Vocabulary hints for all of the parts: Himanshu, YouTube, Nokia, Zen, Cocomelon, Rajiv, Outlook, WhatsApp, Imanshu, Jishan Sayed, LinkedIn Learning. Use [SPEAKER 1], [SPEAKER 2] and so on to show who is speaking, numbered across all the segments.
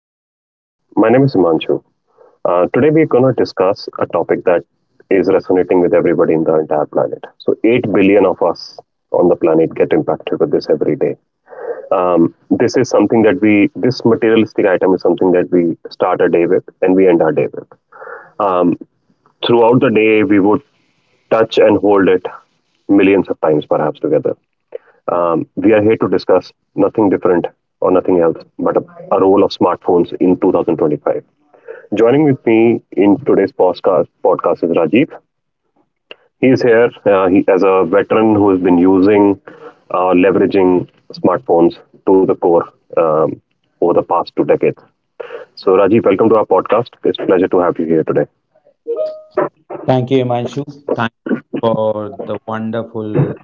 [SPEAKER 1] podcast today. My name is Himanshu. Today we're going to discuss a topic that is resonating with everybody in the entire planet. So, 8 billion of us on the planet get impacted with this every day. This is something this materialistic item is something that we start a day with and we end our day with. Um, Throughout the day, we would touch and hold it millions of times perhaps together. We are here to discuss nothing different or nothing else but a role of smartphones in 2025. Joining with me in today's podcast is Rajiv. He is here as a veteran who has been leveraging smartphones to the core um, over the past two decades. So, Rajiv, welcome to our podcast. It's a pleasure to have you here today.
[SPEAKER 2] Thank you, Imanshu. Thank you for the wonderful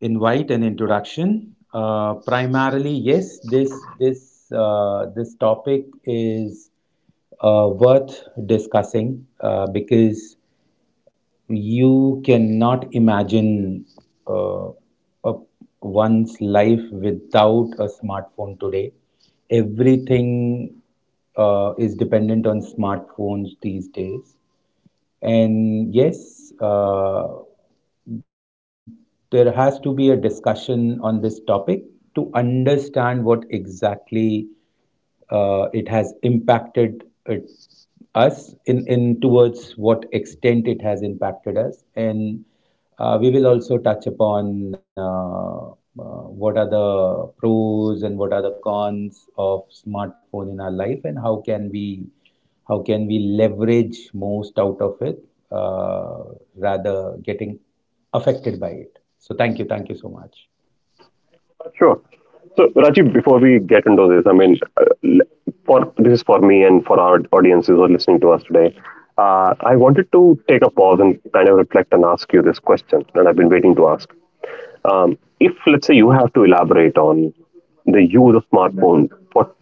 [SPEAKER 2] invite and introduction. Primarily, yes, this topic is worth discussing because you cannot imagine uh, a, one's life without a smartphone today. Everything is dependent on smartphones these days, and yes, there has to be a discussion on this topic to understand what exactly it has it, us in towards what extent it has impacted us, and we will also touch upon what are the pros and what are the cons of smartphone in our life, and how can we leverage most out of it, uh, rather getting affected by it. So thank you, thank you so much.
[SPEAKER 1] Sure. So, Rajiv, before we get into this, for this is for me and for our audiences who are listening to us today. I wanted to take a pause and kind of reflect and ask you this question that I've been waiting to ask. If let's say you have to elaborate on the use of smartphone, what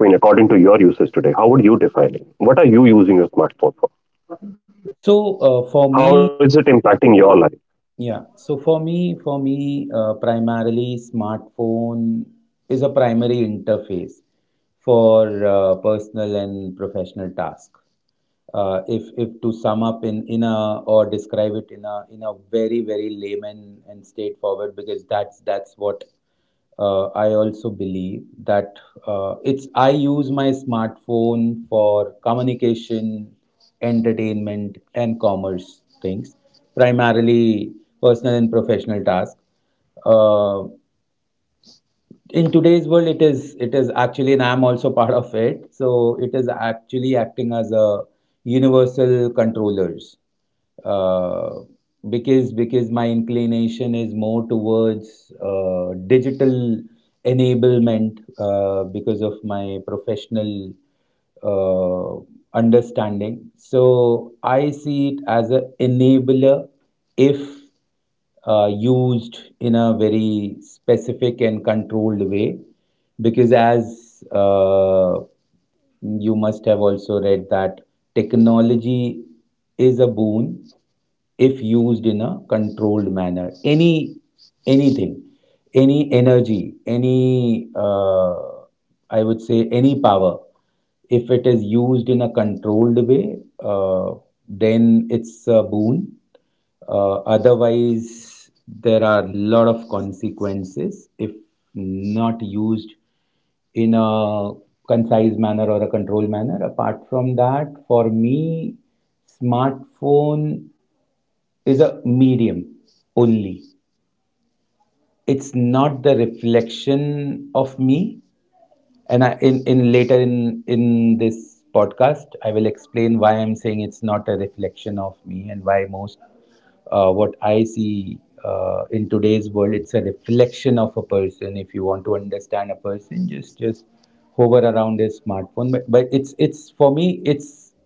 [SPEAKER 1] I mean, according to your usage today, how would you define it? What are you using your smartphone for?
[SPEAKER 2] so for me,
[SPEAKER 1] How is it impacting your life?
[SPEAKER 2] yeah so for me for me, primarily, smartphone is a primary interface for personal and professional tasks. If to sum up in a or describe it in a very layman and straightforward, because that's what I also believe that it's, I use my smartphone for communication, entertainment, and commerce things, primarily personal and professional tasks. Uh, in today's world, it is actually, and I'm also part of it, so it is actually acting as a universal controllers, uh, because my inclination is more towards digital enablement because of my professional understanding, so I see it as an enabler, if used in a very specific and controlled way. Because as you must have also read that technology is a boon if used in a controlled manner. Any anything any energy, any I would say any power, if it is used in a controlled way, then it's a boon. Otherwise, there are a lot of consequences if not used in a concise manner or a controlled manner. Apart from that, for me, smartphone is a medium only. It's not the reflection of me, and I, in later in this podcast, I will explain why I'm saying it's not a reflection of me, and why most, what I see, in today's world, it's a reflection of a person. If you want to understand a person, just hover around his smartphone. But, but it's it's for me, it's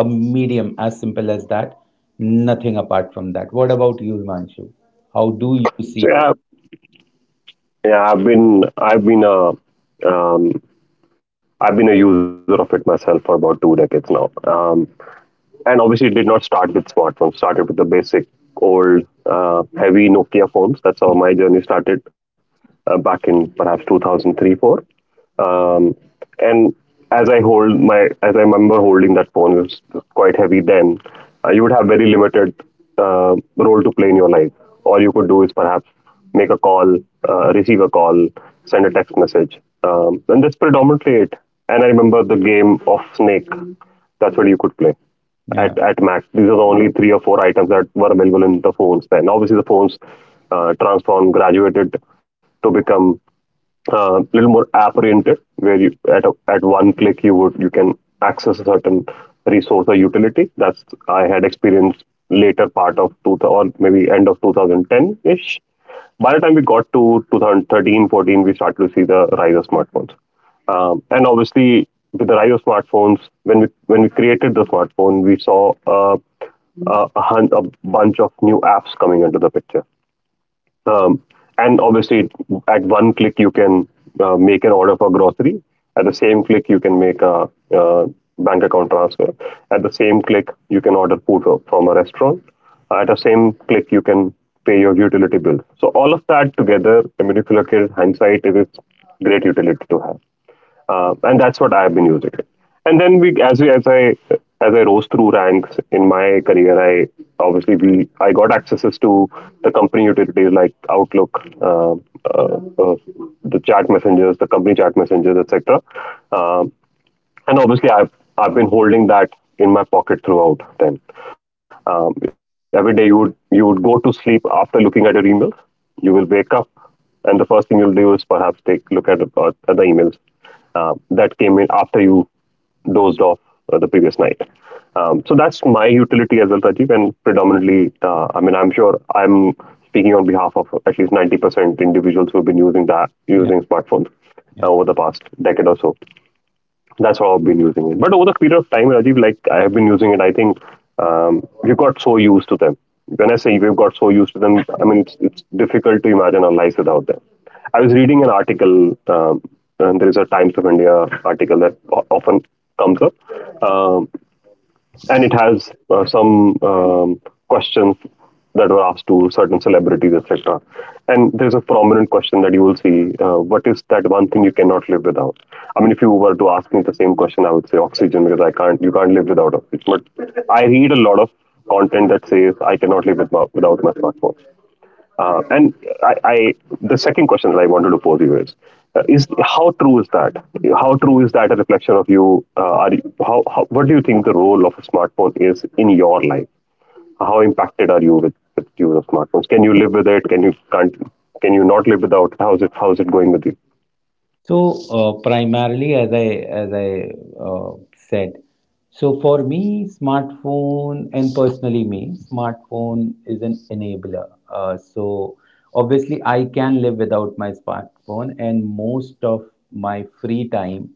[SPEAKER 2] a medium, as simple as that. Nothing apart from that. What about you, Himanshu? How do you
[SPEAKER 1] So
[SPEAKER 2] see?
[SPEAKER 1] yeah, yeah, I've been a um, I've been a user of it myself for about two decades now. And obviously it did not start with smartphones, started with the basic old heavy Nokia phones. That's how my journey started back in perhaps 2003 4. um, and as i hold my as I remember holding that phone, it was quite heavy then. You would have very limited role to play in your life. All you could do is perhaps make a call, receive a call, send a text message, and that's predominantly it. And I remember the game of Snake, that's what you could play
[SPEAKER 2] yeah
[SPEAKER 1] at max. These are the only three or four items that were available in the phones then. Obviously, the phones transformed, graduated to become little more app oriented, where at one click you can access a certain resource or utility. That's I had experienced later part of 2000 or maybe end of 2010 ish. By the time we got to 2013 14, we started to see the rise of smartphones. And obviously with the rise of smartphones, when we created the smartphone, we saw a bunch of new apps coming into the picture. um, and obviously, at one click, you can make an order for grocery. At the same click, you can make a uh, bank account transfer. At the same click, you can order food from a restaurant. At the same click, you can pay your utility bill. So all of that together, I mean, if you look at hindsight, it is great utility to have, and that's what I've been using it. And then as I rose through ranks in my career, I obviously I got accesses to the company utilities like Outlook, the chat messengers, the company chat messengers, etc. And obviously I've been holding that in my pocket throughout. Then every day you would go to sleep after looking at your emails. You will wake up, and the first thing you'll do is perhaps take look at at the emails that came in after you dozed off the previous night. So that's my utility as well, Rajiv, and predominantly, I mean, I'm sure I'm speaking on behalf of at least 90% individuals who've been using that
[SPEAKER 2] yeah
[SPEAKER 1] using smartphones
[SPEAKER 2] yeah.
[SPEAKER 1] over the past decade or so. That's how I've been using it. But over the period of time, Rajiv, like I have been using it, I think we got so used to them. When I say we've got so used to them, I mean it's difficult to imagine our lives without them. I was reading an article, and there is a Times of India article often comes up. Um, and it has some questions that were asked to certain celebrities, etc. And there's a prominent question that you will see: What is that one thing you cannot live without? I mean, if you were to ask me the same question, I would say oxygen, because I can't. You can't live without oxygen. But I read a lot of content that says I cannot live without my smartphone. Uh, and I, I, the second question that I wanted to pose you is how true is that? How true is that a reflection of you? How, what do you think the role of a smartphone is in your life? How impacted are you with use of smartphones? Can you live with it? Can you can't? Can you not live without it? How's it? How's it going with you?
[SPEAKER 2] So, primarily, as I said, so for me, smartphone, and personally me, smartphone is an enabler. So obviously, I can live without my smartphone, and most of my free time,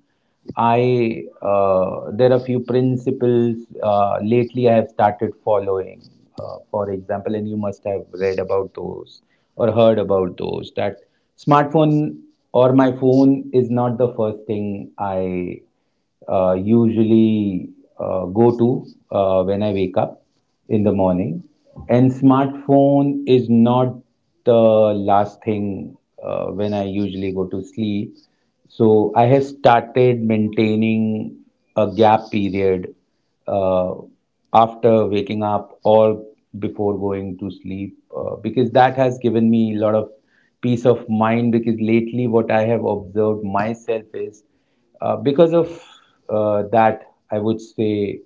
[SPEAKER 2] I there are few principles lately I have started following. For example, and you must have read about those or heard about those, that smartphone or my phone is not the first thing I usually go to when I wake up in the morning. And smartphone is not the last thing when I usually go to sleep. So I have started maintaining a gap period uh, after waking up or before going to sleep, because that has given me a lot of peace of mind. Because lately what I have observed myself is, uh, because of I would say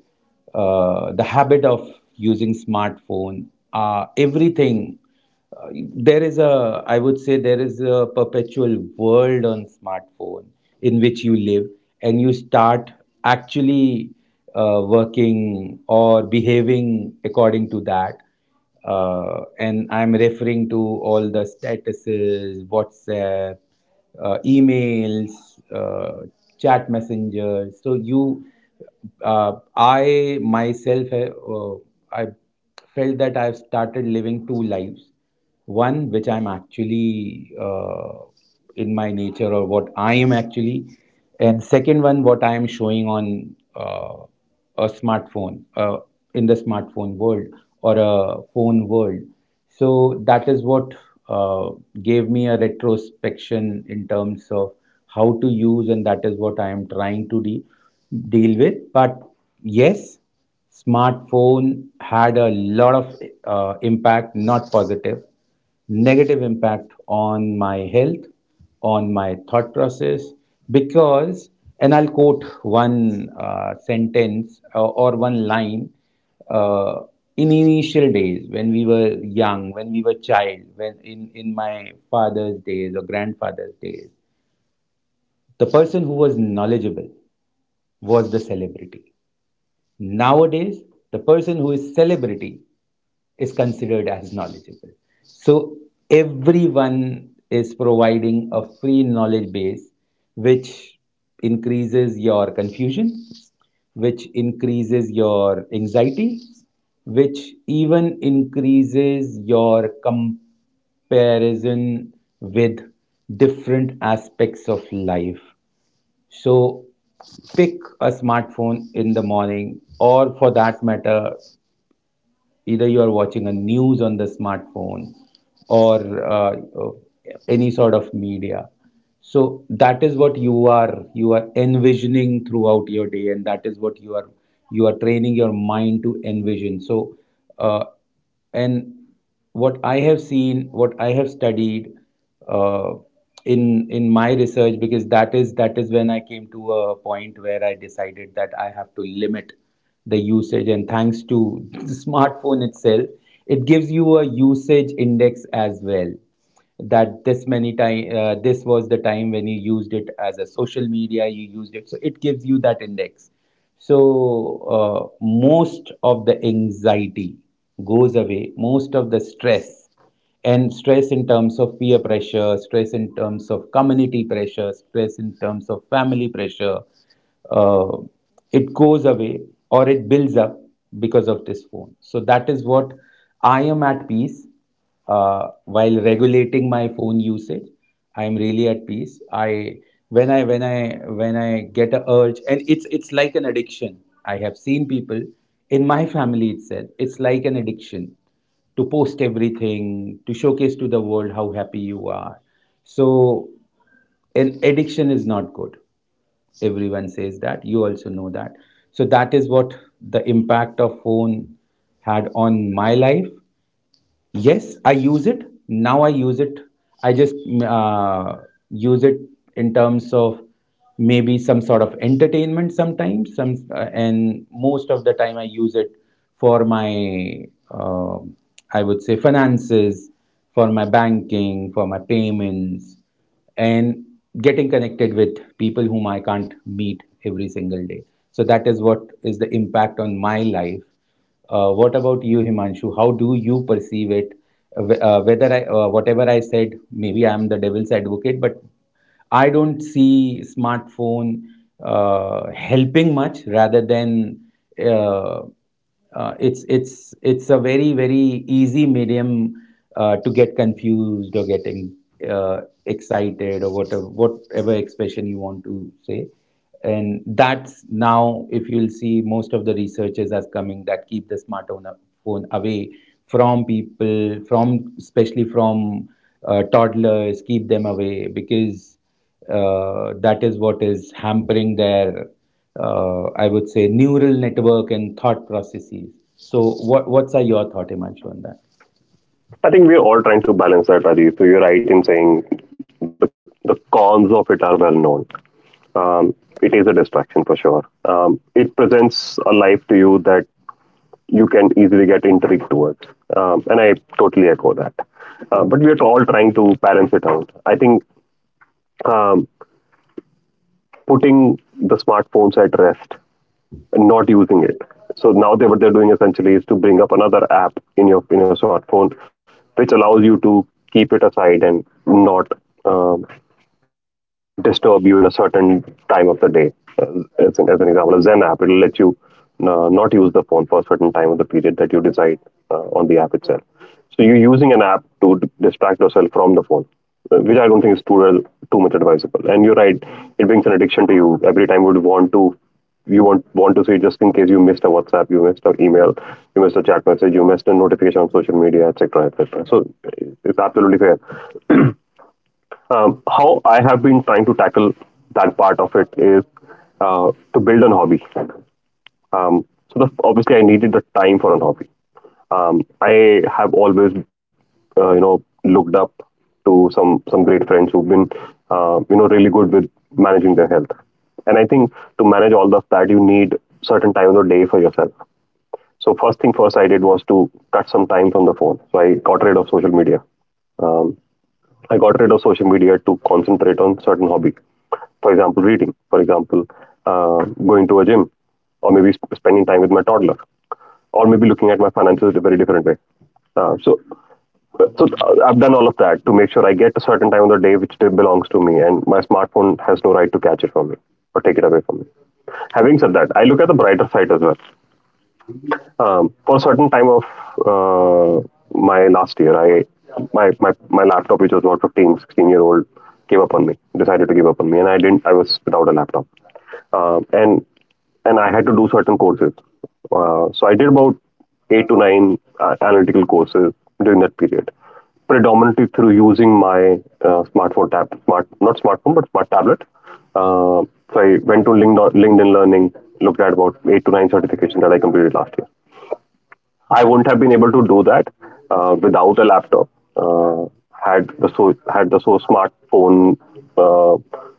[SPEAKER 2] the habit of using smartphone, everything. Uh, there is a, I would say, there is a perpetual world on smartphone in which you live, and you start actually working or behaving according to that, and I'm referring to all the statuses, WhatsApp, emails, uh, chat messengers. So uh, I myself, uh, I felt that I've started living two lives. One which I'm actually, in my nature, or what I am actually, and second one, what I am showing on a smartphone, in the smartphone world, or a phone world. So that is what uh, gave me a retrospection in terms of how to use, and that is what I am trying to deal with. But yes, smartphone had a lot of impact, not positive, negative impact, on my health, on my thought process. Because, and I'll quote one sentence, or one line, uh, in initial days when we were young, when we were child, in my father's days or grandfather's days, the person who was knowledgeable was the celebrity. Nowadays, the person who is celebrity is considered as knowledgeable. So everyone is providing a free knowledge base, which increases your confusion, which increases your anxiety, which even increases your comparison with different aspects of life. So pick a smartphone in the morning, or for that matter, either you are watching a news on the smartphone, or any sort of media. So that is what you are envisioning throughout your day, and that is what you are training your mind to envision. So, uh, and what I have seen, what I have studied uh, in my research, because that is when I came to a point where I decided that I have to limit the usage. And thanks to the smartphone itself, it gives you a usage index as well, that this many time, this was the time when you used it as a social media, you used it, so it gives you that index. So most of the anxiety goes away, most of the stress, and stress in terms of peer pressure, stress in terms of community pressure, stress in terms of family pressure, uh, it goes away or it builds up because of this phone. So that is what, I am at peace while regulating my phone usage. I'm really at peace. I when i when i when i get a urge, and it's like an addiction. I have seen people in my family itself, it's like an addiction, to post everything, to showcase to the world how happy you are. So an addiction is not good, everyone says that, you also know that. So that is what the impact of phone had on my life. Yes, I use it. Now I use it. I just uh, use it in terms of maybe some sort of entertainment sometimes. Some and most of the time I use it for my uh, I would say finances, for my banking, for my payments, and getting connected with people whom I can't meet every single day. So that is what is the impact on my life. What about you, Himanshu? How do you perceive it? Whatever I said, maybe I'm the devil's advocate, but I don't see smartphone helping much. Rather than uh, it's a very easy medium to get confused, or getting excited, or whatever expression you want to say. And that's, now if you'll see, most of the researchers are coming that keep the smartphone away from people, from especially from toddlers, keep them away, because that is what is hampering their I would say neural network and thought processes. So what what's are your thought, Imanshu, on that?
[SPEAKER 1] I think we're all trying to balance that, Rajiv. So you're right in saying the cons of it are well known. Um, it is a distraction for sure. It presents a life to you that you can easily get intrigued towards. And I totally echo that. But we are all trying to balance it out. I think um, putting the smartphones at rest and not using it. So now what they're doing essentially is to bring up another app in your smartphone, which allows you to keep it aside and not um, disturb you in a certain time of the day. Uh, as an example, a Zen app, it'll let you not use the phone for a certain time of the period that you decide on the app itself. So you're using an app to distract yourself from the phone, which I don't think is too well, too much advisable. And you're right, it brings an addiction to you. Every time you would want to, you want to see just in case you missed a WhatsApp, you missed an email, you missed a chat message, you missed a notification on social media, etc., etc. So it's absolutely fair. How I have been trying to tackle that part of it is to build a hobby. Um, so obviously, I needed the time for a hobby. I have always, you know, looked up to some great friends who've been, you know, really good with managing their health. And I think to manage all of that, you need certain time of the day for yourself. So first thing first, I did was to cut some time from the phone. So I got rid of social media. I got rid of social media to concentrate on certain hobby. For example, reading. For example, going to a gym, or maybe spending time with my toddler, or maybe looking at my finances in a very different way. Uh, so, I've done all of that to make sure I get a certain time of the day which still belongs to me, and my smartphone has no right to catch it from me or take it away from me. Having said that, I look at the brighter side as well. For a certain time of uh, my last year, I my laptop, which was about 15, 16-year-old, gave up on me. Decided to give up on me, and I didn't. I was without a laptop. Um and and I had to do certain courses. So I did about eight to nine analytical courses during that period, predominantly through using my smart not smartphone but smart tablet. Uh, so I went to LinkedIn Learning, looked at about eight to nine certifications that I completed last year. I wouldn't have been able to do that without a laptop. Uh, Had the so smartphone uh,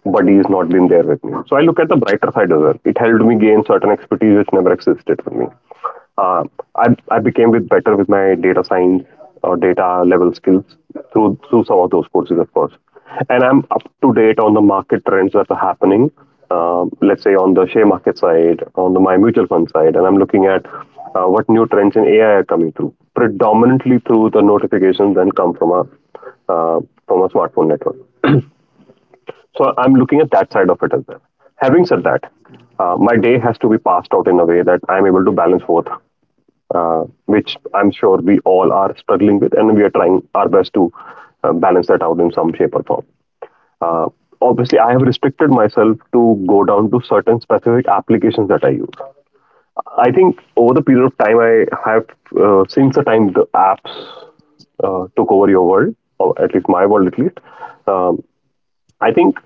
[SPEAKER 1] buddies not been there with me. So I look at the brighter side as well. It helped me gain certain expertise which never existed for me. uh, I became with better with my data science or data level skills through some of those courses, of course. And I'm up to date on the market trends that are happening. Let's say on the share market side, on the my mutual fund side, and I'm looking at what new trends in AI are coming through, predominantly through the notifications that come uh, from a smartphone network. So I'm looking at that side of it as well. Having said that, my day has to be passed out in a way that I'm able to balance both, which I'm sure we all are struggling with, and we are trying our best to balance that out in some shape or form. Uh, Obviously, I have restricted myself to go down to certain specific applications that I use. I think over the period of time, I have, since the time the apps took over your world, or at least my world, at least. Um, I think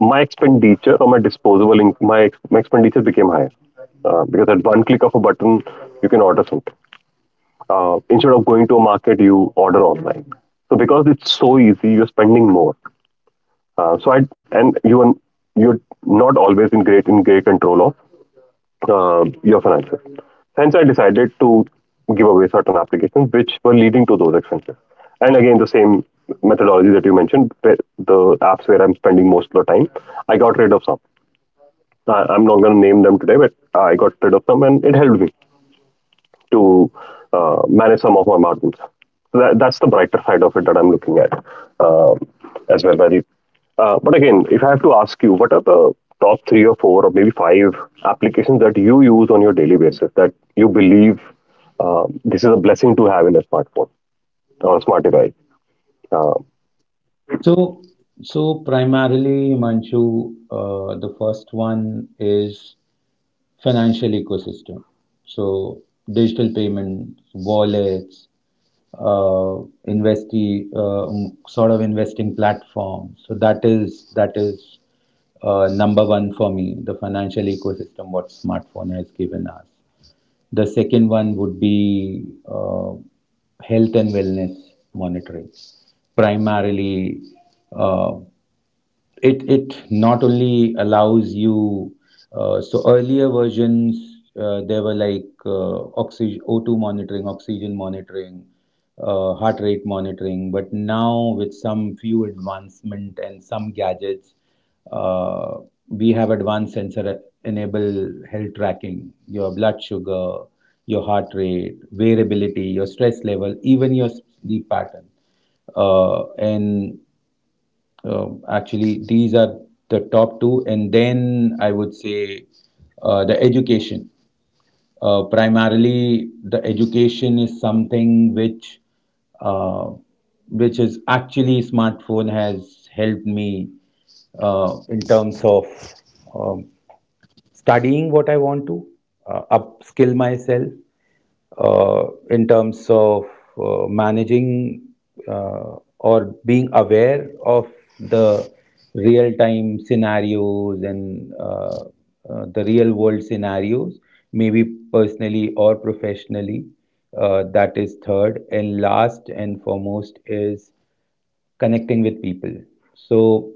[SPEAKER 1] my expenditure or my disposable my expenditure became higher because at one click of a button you can order something, instead of going to a market, you order online. So because it's so easy, you're spending more. And you're not always in great control of your finances. Hence, I decided to give away certain applications which were leading to those expenses. And again, the same methodology that you mentioned, where the apps where I'm spending most of the time, I got rid of some. I'm not going to name them today, but I got rid of some, and it helped me to manage some of my margins. So that's the brighter side of it that I'm looking at, um, as well, Rajiv. But again, if I have to ask you, what are the top three or four or maybe five applications that you use on your daily basis that you believe, this is a blessing to have in a smartphone or a smart device? Um
[SPEAKER 2] So, so primarily, Manchu, the first one is financial ecosystem. So, digital payments, wallets, uh, investi sort of investing platform. So that is number one for me. The financial ecosystem, what smartphone has given us. The second one would be health and wellness monitoring, primarily. Uh, it it not only allows you, so earlier versions, there were like oxygen O two monitoring, oxygen monitoring, heart rate monitoring, but now with some few advancement and some gadgets, uh, we have advanced sensor enable health tracking, your blood sugar, your heart rate, variability, your stress level, even your sleep pattern. And Actually, these are the top two, and then I would say the education. Primarily, the education is something uh, which is actually, smartphone has helped me in terms of um, studying what I want to, upskill myself, in terms of managing, or being aware of the real time scenarios, and the real world scenarios, maybe personally or professionally. That is third. And last and foremost is connecting with people. So,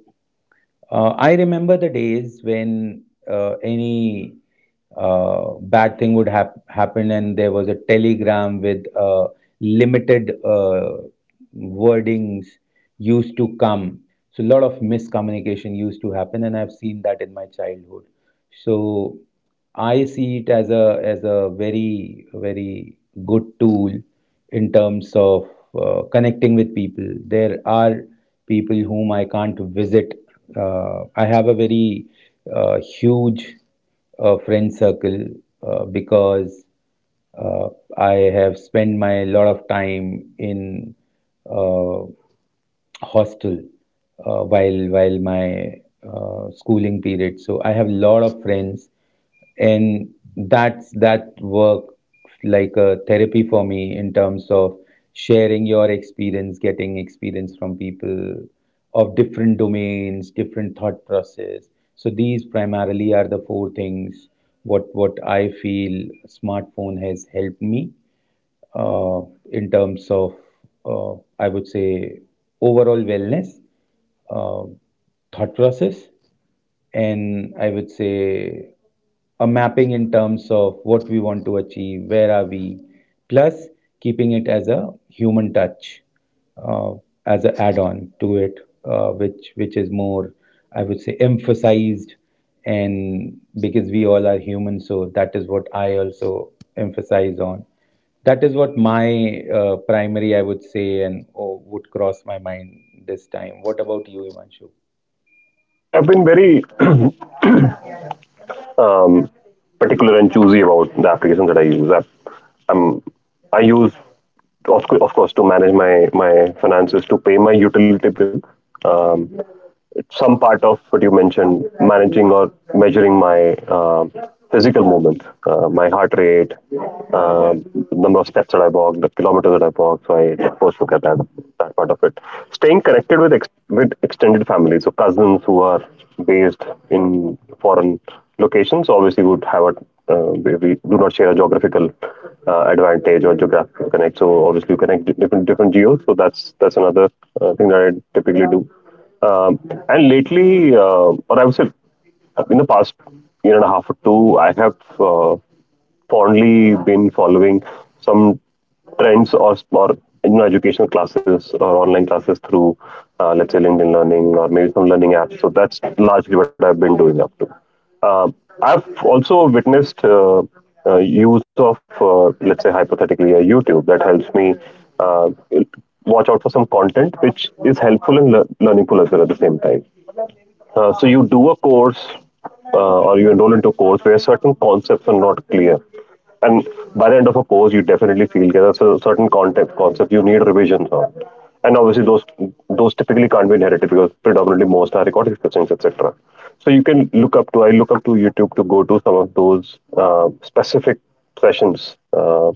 [SPEAKER 2] I remember the days when any bad thing would happen, and there was a telegram with limited wordings used to come. So a lot of miscommunication used to happen, and I've seen that in my childhood. So I see it as a very good tool in terms of connecting with people. There are people whom I can't visit. I have a very huge friend circle because uh, I have spent my lot of time in uh, hostel while my schooling period. So I have a lot of friends, and that works like a therapy for me in terms of sharing your experience, getting experience from people of different domains, different thought process. So these primarily are the four things what I feel smartphone has helped me uh, in terms of, uh, I would say, overall wellness, uh, thought process, and I would say a mapping in terms of what we want to achieve, where are we, plus keeping it as a human touch, uh, as an add-on to it, which is more, I would say, emphasized, and because we all are human, so that is what I also emphasize on. That is what my primary, I would say, and oh, would cross my mind this time. What about you, Imanshu?
[SPEAKER 1] yeah, I've been very um, particular and choosy about the applications that I use. I'm, I use, of course, to manage my finances, to pay my utility bill. Um, some part of what you mentioned, managing or measuring my physical movement, my heart rate, uh, number of steps that I walk, the kilometers that I walk. So I, of course, look at that part of it. Staying connected with with extended family, so cousins who are based in foreign locations, obviously would have a we do not share a geographical advantage or geographical connect. So obviously you connect different geos. So that's another thing that I typically do. Um, and lately, or I would say in the past year and a half or two, I have fondly been following some trends or, you know, educational classes or online classes through, let's say, LinkedIn Learning or maybe some learning apps. So that's largely what I've been doing up to. Uh, I've also witnessed use of, let's say, hypothetically, a YouTube that helps me uh, watch out for some content which is helpful and learning pool as well at the same time. So you do a course, or you enroll into a course where certain concepts are not clear. And by the end of a course, you definitely feel that there's a certain content concept you need revisions on. And obviously, those typically can't be inherited because predominantly most are recorded systems, etc. So you can look up to, I look up to YouTube to go to some of those specific sessions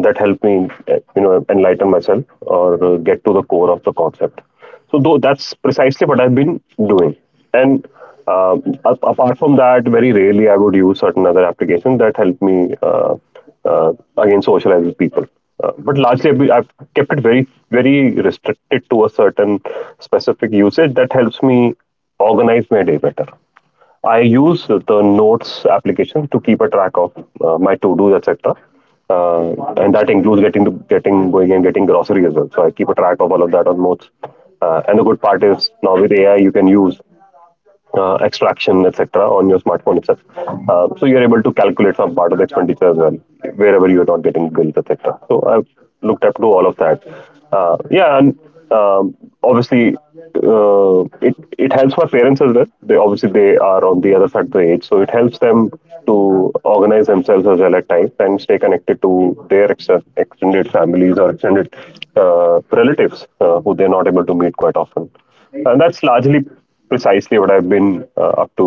[SPEAKER 1] that help me, you know, enlighten myself or get to the core of the concept. So though that's precisely what I've been doing. And uh, apart from that, very rarely I would use certain other applications that help me again socialize with people. But largely, I've kept it very, very restricted to a certain specific usage that helps me organize my day better. I use the Notes application to keep a track of my to dos, etc. And that includes getting to getting going and getting grocery as well. So I keep a track of all of that on Notes. And the good part is now with AI, you can use extraction, etc., on your smartphone itself. So you're able to calculate some part of the expenditure as well, wherever you're not getting bills, etc. So I've looked up to all of that. Yeah, and um, obviously it helps my parents as well. They are on the other side of the age, so it helps them to organize themselves as well at times and stay connected to their extended families or extended relatives who they're not able to meet quite often. And that's largely precisely what I've been, up to,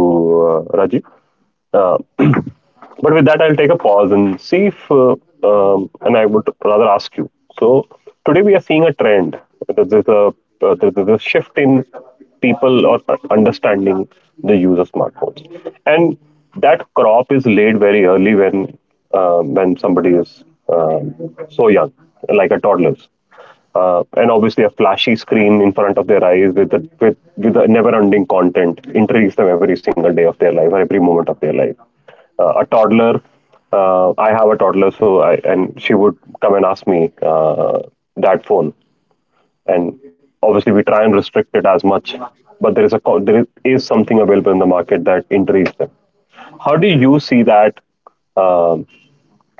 [SPEAKER 1] Rajiv. Uh, but with that, I'll take a pause and see if, and I would rather ask you. So today we are seeing a trend. That There's a there's a shift in people or understanding the use of smartphones, and that crop is laid very early when, when somebody is so young, like a toddler's, and obviously a flashy screen in front of their eyes with the never-ending content intrigues them every single day of their life or every moment of their life, a toddler. I have a toddler, so I and she would come and ask me that phone, and obviously we try and restrict it as much, but there is a is something available in the market that intrigues them. How do you see that um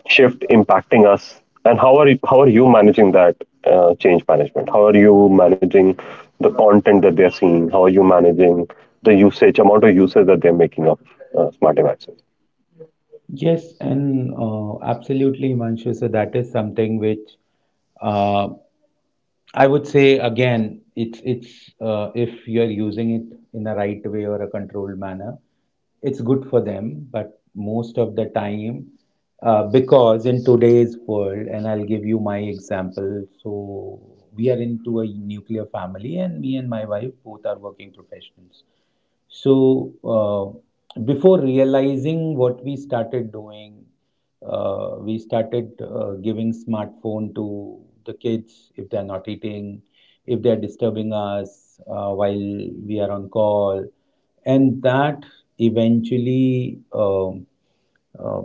[SPEAKER 1] shift impacting us, and how how are you managing that change management? How are you managing the content that they're seeing? How are you managing the usage amount of usage that they're making of smart devices?
[SPEAKER 2] Yes, and absolutely, Himanshu. So that is something which. uh, I would say again, it's if you're using it in a right way or a controlled manner, it's good for them. But most of the time, because in today's world, and I'll give you my example. So we are into a nuclear family, and me and my wife both are working professionals. So, before realizing what we started doing, we started giving smartphone to the kids if they're not eating, if they're disturbing us while we are on call. And that eventually um, uh,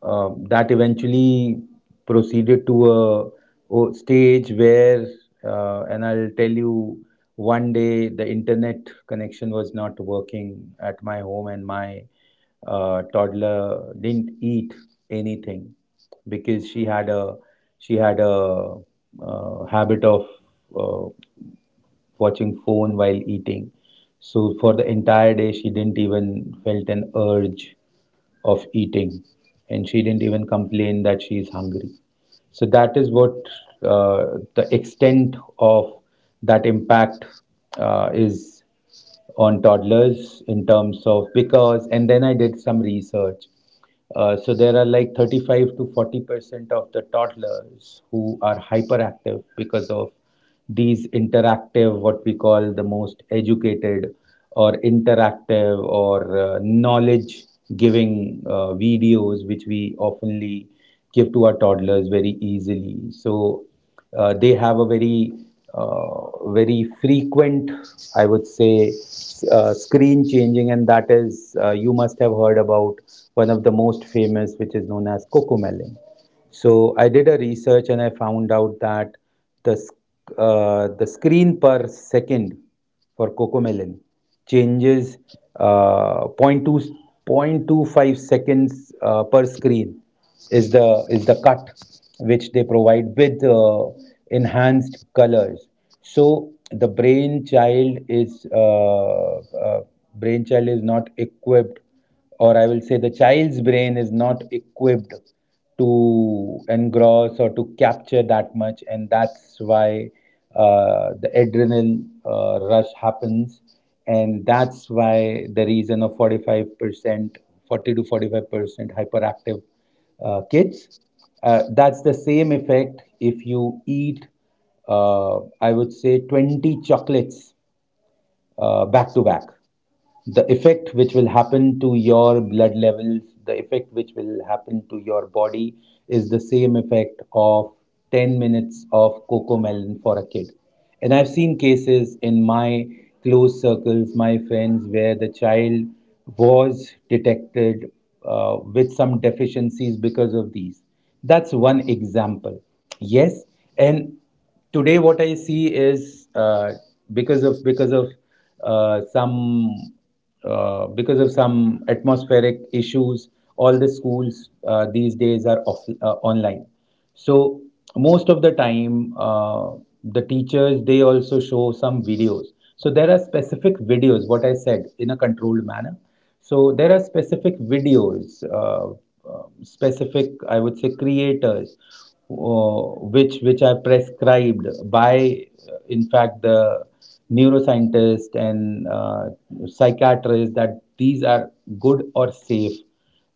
[SPEAKER 2] uh, that eventually proceeded to a stage where, and I'll tell you, one day the internet connection was not working at my home, and my toddler didn't eat anything because she had a habit of uh, watching phone while eating. So for the entire day, she didn't even felt an urge of eating, and she didn't even complain that she is hungry. So that is what the extent of that impact is on toddlers, in terms of, because, and then I did some research. So there are like 35 to 40% of the toddlers who are hyperactive because of these interactive, what we call the most educated or interactive or knowledge giving videos, which we oftenly give to our toddlers very easily. So they have a very very frequent, I would say, screen changing. And that is you must have heard about one of the most famous, which is known as Cocomelon. So I did a research and I found out that the the screen per second for Cocomelon changes 0. 0.2 0.25 seconds per screen is the cut which they provide with enhanced colors. So the uh, brain child is not equipped, or I will say the child's brain is not equipped to engross or to capture that much, and that's why the adrenal rush happens, and that's why the reason of 45%, 40 to 45% hyperactive kids. That's the same effect if you eat, I would say, 20 chocolates back to back. The effect which will happen to your blood levels, the effect which will happen to your body is the same effect of 10 minutes of Cocomelon for a kid. And I've seen cases in my close circles, my friends, where the child was detected with some deficiencies because of these. That's one example. Yes, and today what I see is because of because of uh, some because of some atmospheric issues, all the schools these days are off, online. So most of the time the teachers, they also show some videos. So there are specific videos, what I said, in a controlled manner. So there are specific videos, specific, I would say, creators, uh, which are prescribed by, in fact, the neuroscientist and psychiatrist, that these are good or safe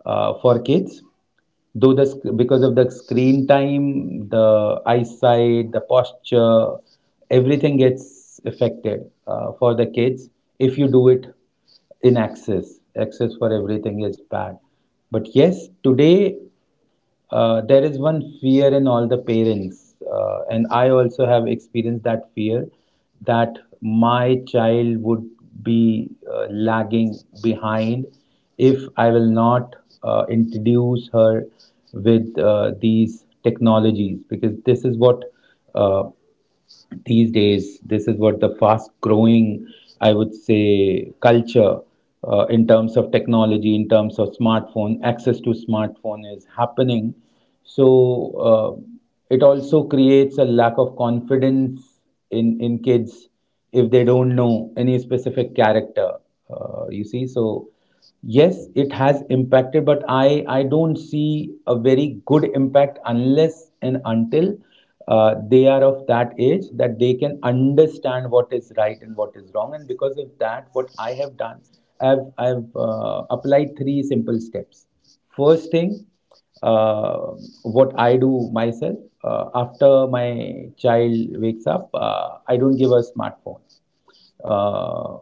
[SPEAKER 2] for kids, though the because of the screen time, the eyesight, the posture, everything gets affected for the kids if you do it in access. Access for everything is bad. But yes, today there is one fear in all the parents, and I also have experienced that fear that my child would be lagging behind if I will not introduce her with these technologies, because this is what uh, these days, this is what the fast growing I would say, culture in terms of technology, in terms of smartphone, access to smartphone is happening. So uh, it also creates a lack of confidence in kids if they don't know any specific character, you see. So yes, it has impacted, but I don't see a very good impact unless and until they are of that age that they can understand what is right and what is wrong. And because of that, what I have done, I've applied three simple steps. First thing, uh, what I do myself, after my child wakes up, I don't give a smartphone. Uh,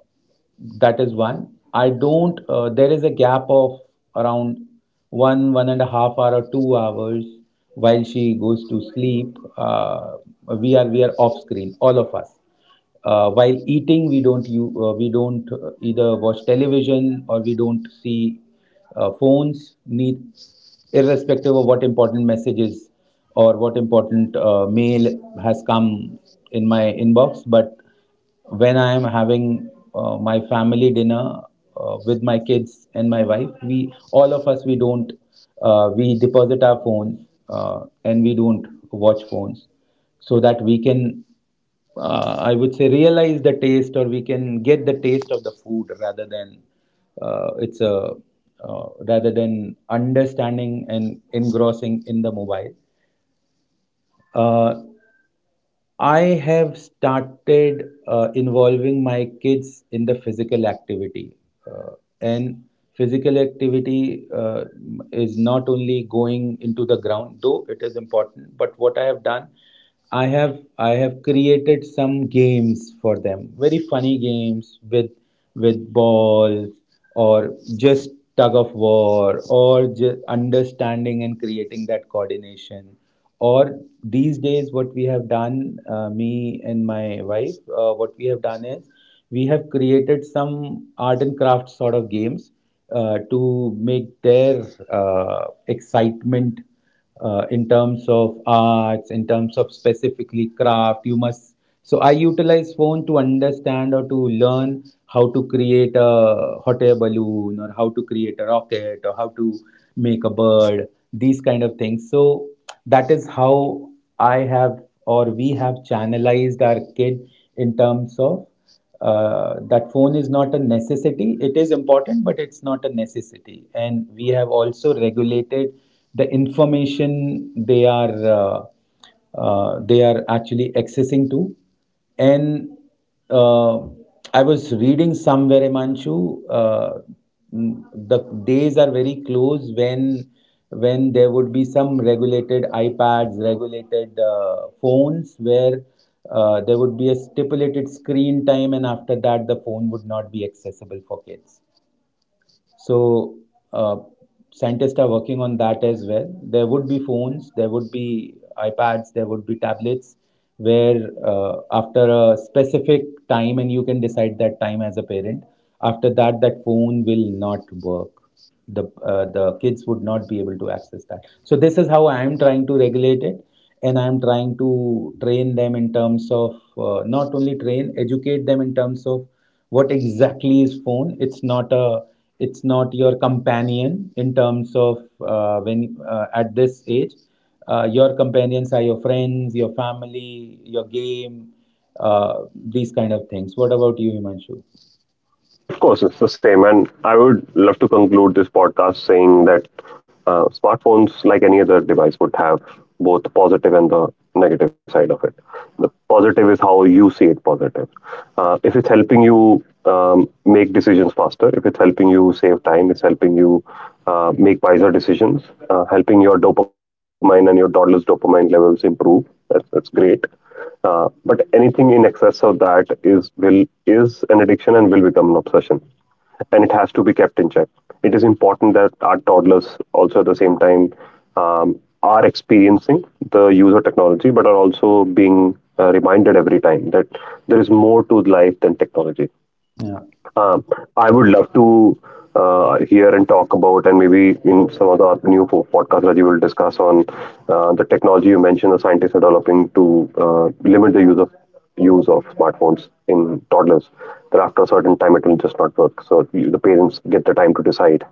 [SPEAKER 2] that is one. I don't. There is a gap of around 1.5 hour or 2 hours while she goes to sleep. We are we are off screen, all of us while eating. We don't we don't either watch television, or we don't see phones need, irrespective of what important messages or what important mail has come in my inbox. But when I am having my family dinner with my kids and my wife, we all of us, we don't, we deposit our phones and we don't watch phones, so that we can, I would say, realize the taste, or we can get the taste of the food, rather than, uh, it's a understanding and engrossing in the mobile. Uh, I have started involving my kids in the physical activity. Uh, and physical activity is not only going into the ground, though it is important. But what I have done, I have created some games for them, very funny games with balls or just tug of war, or just understanding and creating that coordination. Or these days, what we have done, me and my wife, what we have done is we have created some art and craft sort of games to make their excitement in terms of arts, in terms of specifically craft. You must. So I utilize phone to understand or to learn how to create a hot air balloon, or how to create a rocket, or how to make a bird. These kind of things. So that is how I have, or we have, channelized our kid in terms of that phone is not a necessity. It is important, but it's not a necessity. And we have also regulated the information they are actually accessing to. And uh, I was reading somewhere, Imanshu, the days are very close when there would be some regulated iPads, regulated phones, where there would be a stipulated screen time, and after that, the phone would not be accessible for kids. So uh, scientists are working on that as well. There would be phones, there would be iPads, there would be tablets where after a specific time, and you can decide that time as a parent, after that, that phone will not work. The The kids would not be able to access that. So this is how I am trying to regulate it, and I am trying to train them in terms of, not only train educate them in terms of what exactly is phone. It's not your companion in terms of, when, at this age, your companions are your friends, your family, your game, uh, these kind of things. What about you, Himanshu?
[SPEAKER 1] Yeah, of course, it's the same. And I would love to conclude this podcast saying that smartphones, like any other device, would have both positive and the negative side of it. The positive is how you see it positive. If it's helping you make decisions faster, if it's helping you save time, it's helping you make wiser decisions, helping your dopamine and your daughter's dopamine levels improve, that's great. But anything in excess of that is an addiction and will become an obsession, and it has to be kept in check. It is important that our toddlers also at the same time are experiencing the use of technology, but are also being reminded every time that there is more to life than technology.
[SPEAKER 2] Yeah.
[SPEAKER 1] Um, I would love to hear and talk about, and maybe in some of the new podcasts, Rajiv will discuss on the technology you mentioned the scientists are developing to limit the use of smartphones in toddlers. That after a certain time, it will just not work. So you, the parents get the time to decide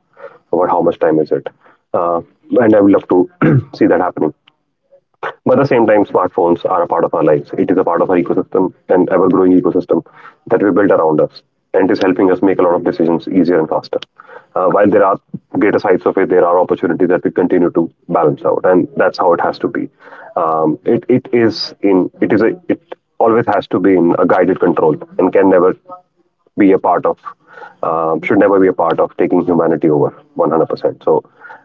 [SPEAKER 1] about how much time is it, uh, and I would love to see that happening. But at the same time, smartphones are a part of our lives. It is a part of our ecosystem, an ever growing ecosystem that we built around us. And it is helping us make a lot of decisions easier and faster. While there are greater sides of it, there are opportunities that we continue to balance out. And that's how it has to be. It it it always has to be in a guided control and can never be a part of, should never be a part of taking humanity over 100%. So,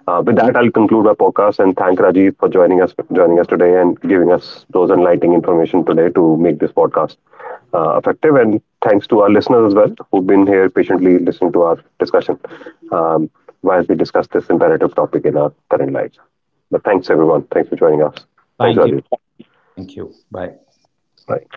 [SPEAKER 1] with that, I'll conclude our podcast and thank Rajiv for joining us today and giving us those enlightening information today to make this podcast effective. And thanks to our listeners as well who've been here patiently listening to our discussion, um, while we discuss this imperative topic in our current lives. But thanks everyone. Thanks for joining us. Thanks,
[SPEAKER 2] Thank you.
[SPEAKER 1] Rajiv.
[SPEAKER 2] Thank you. Bye.
[SPEAKER 1] Bye.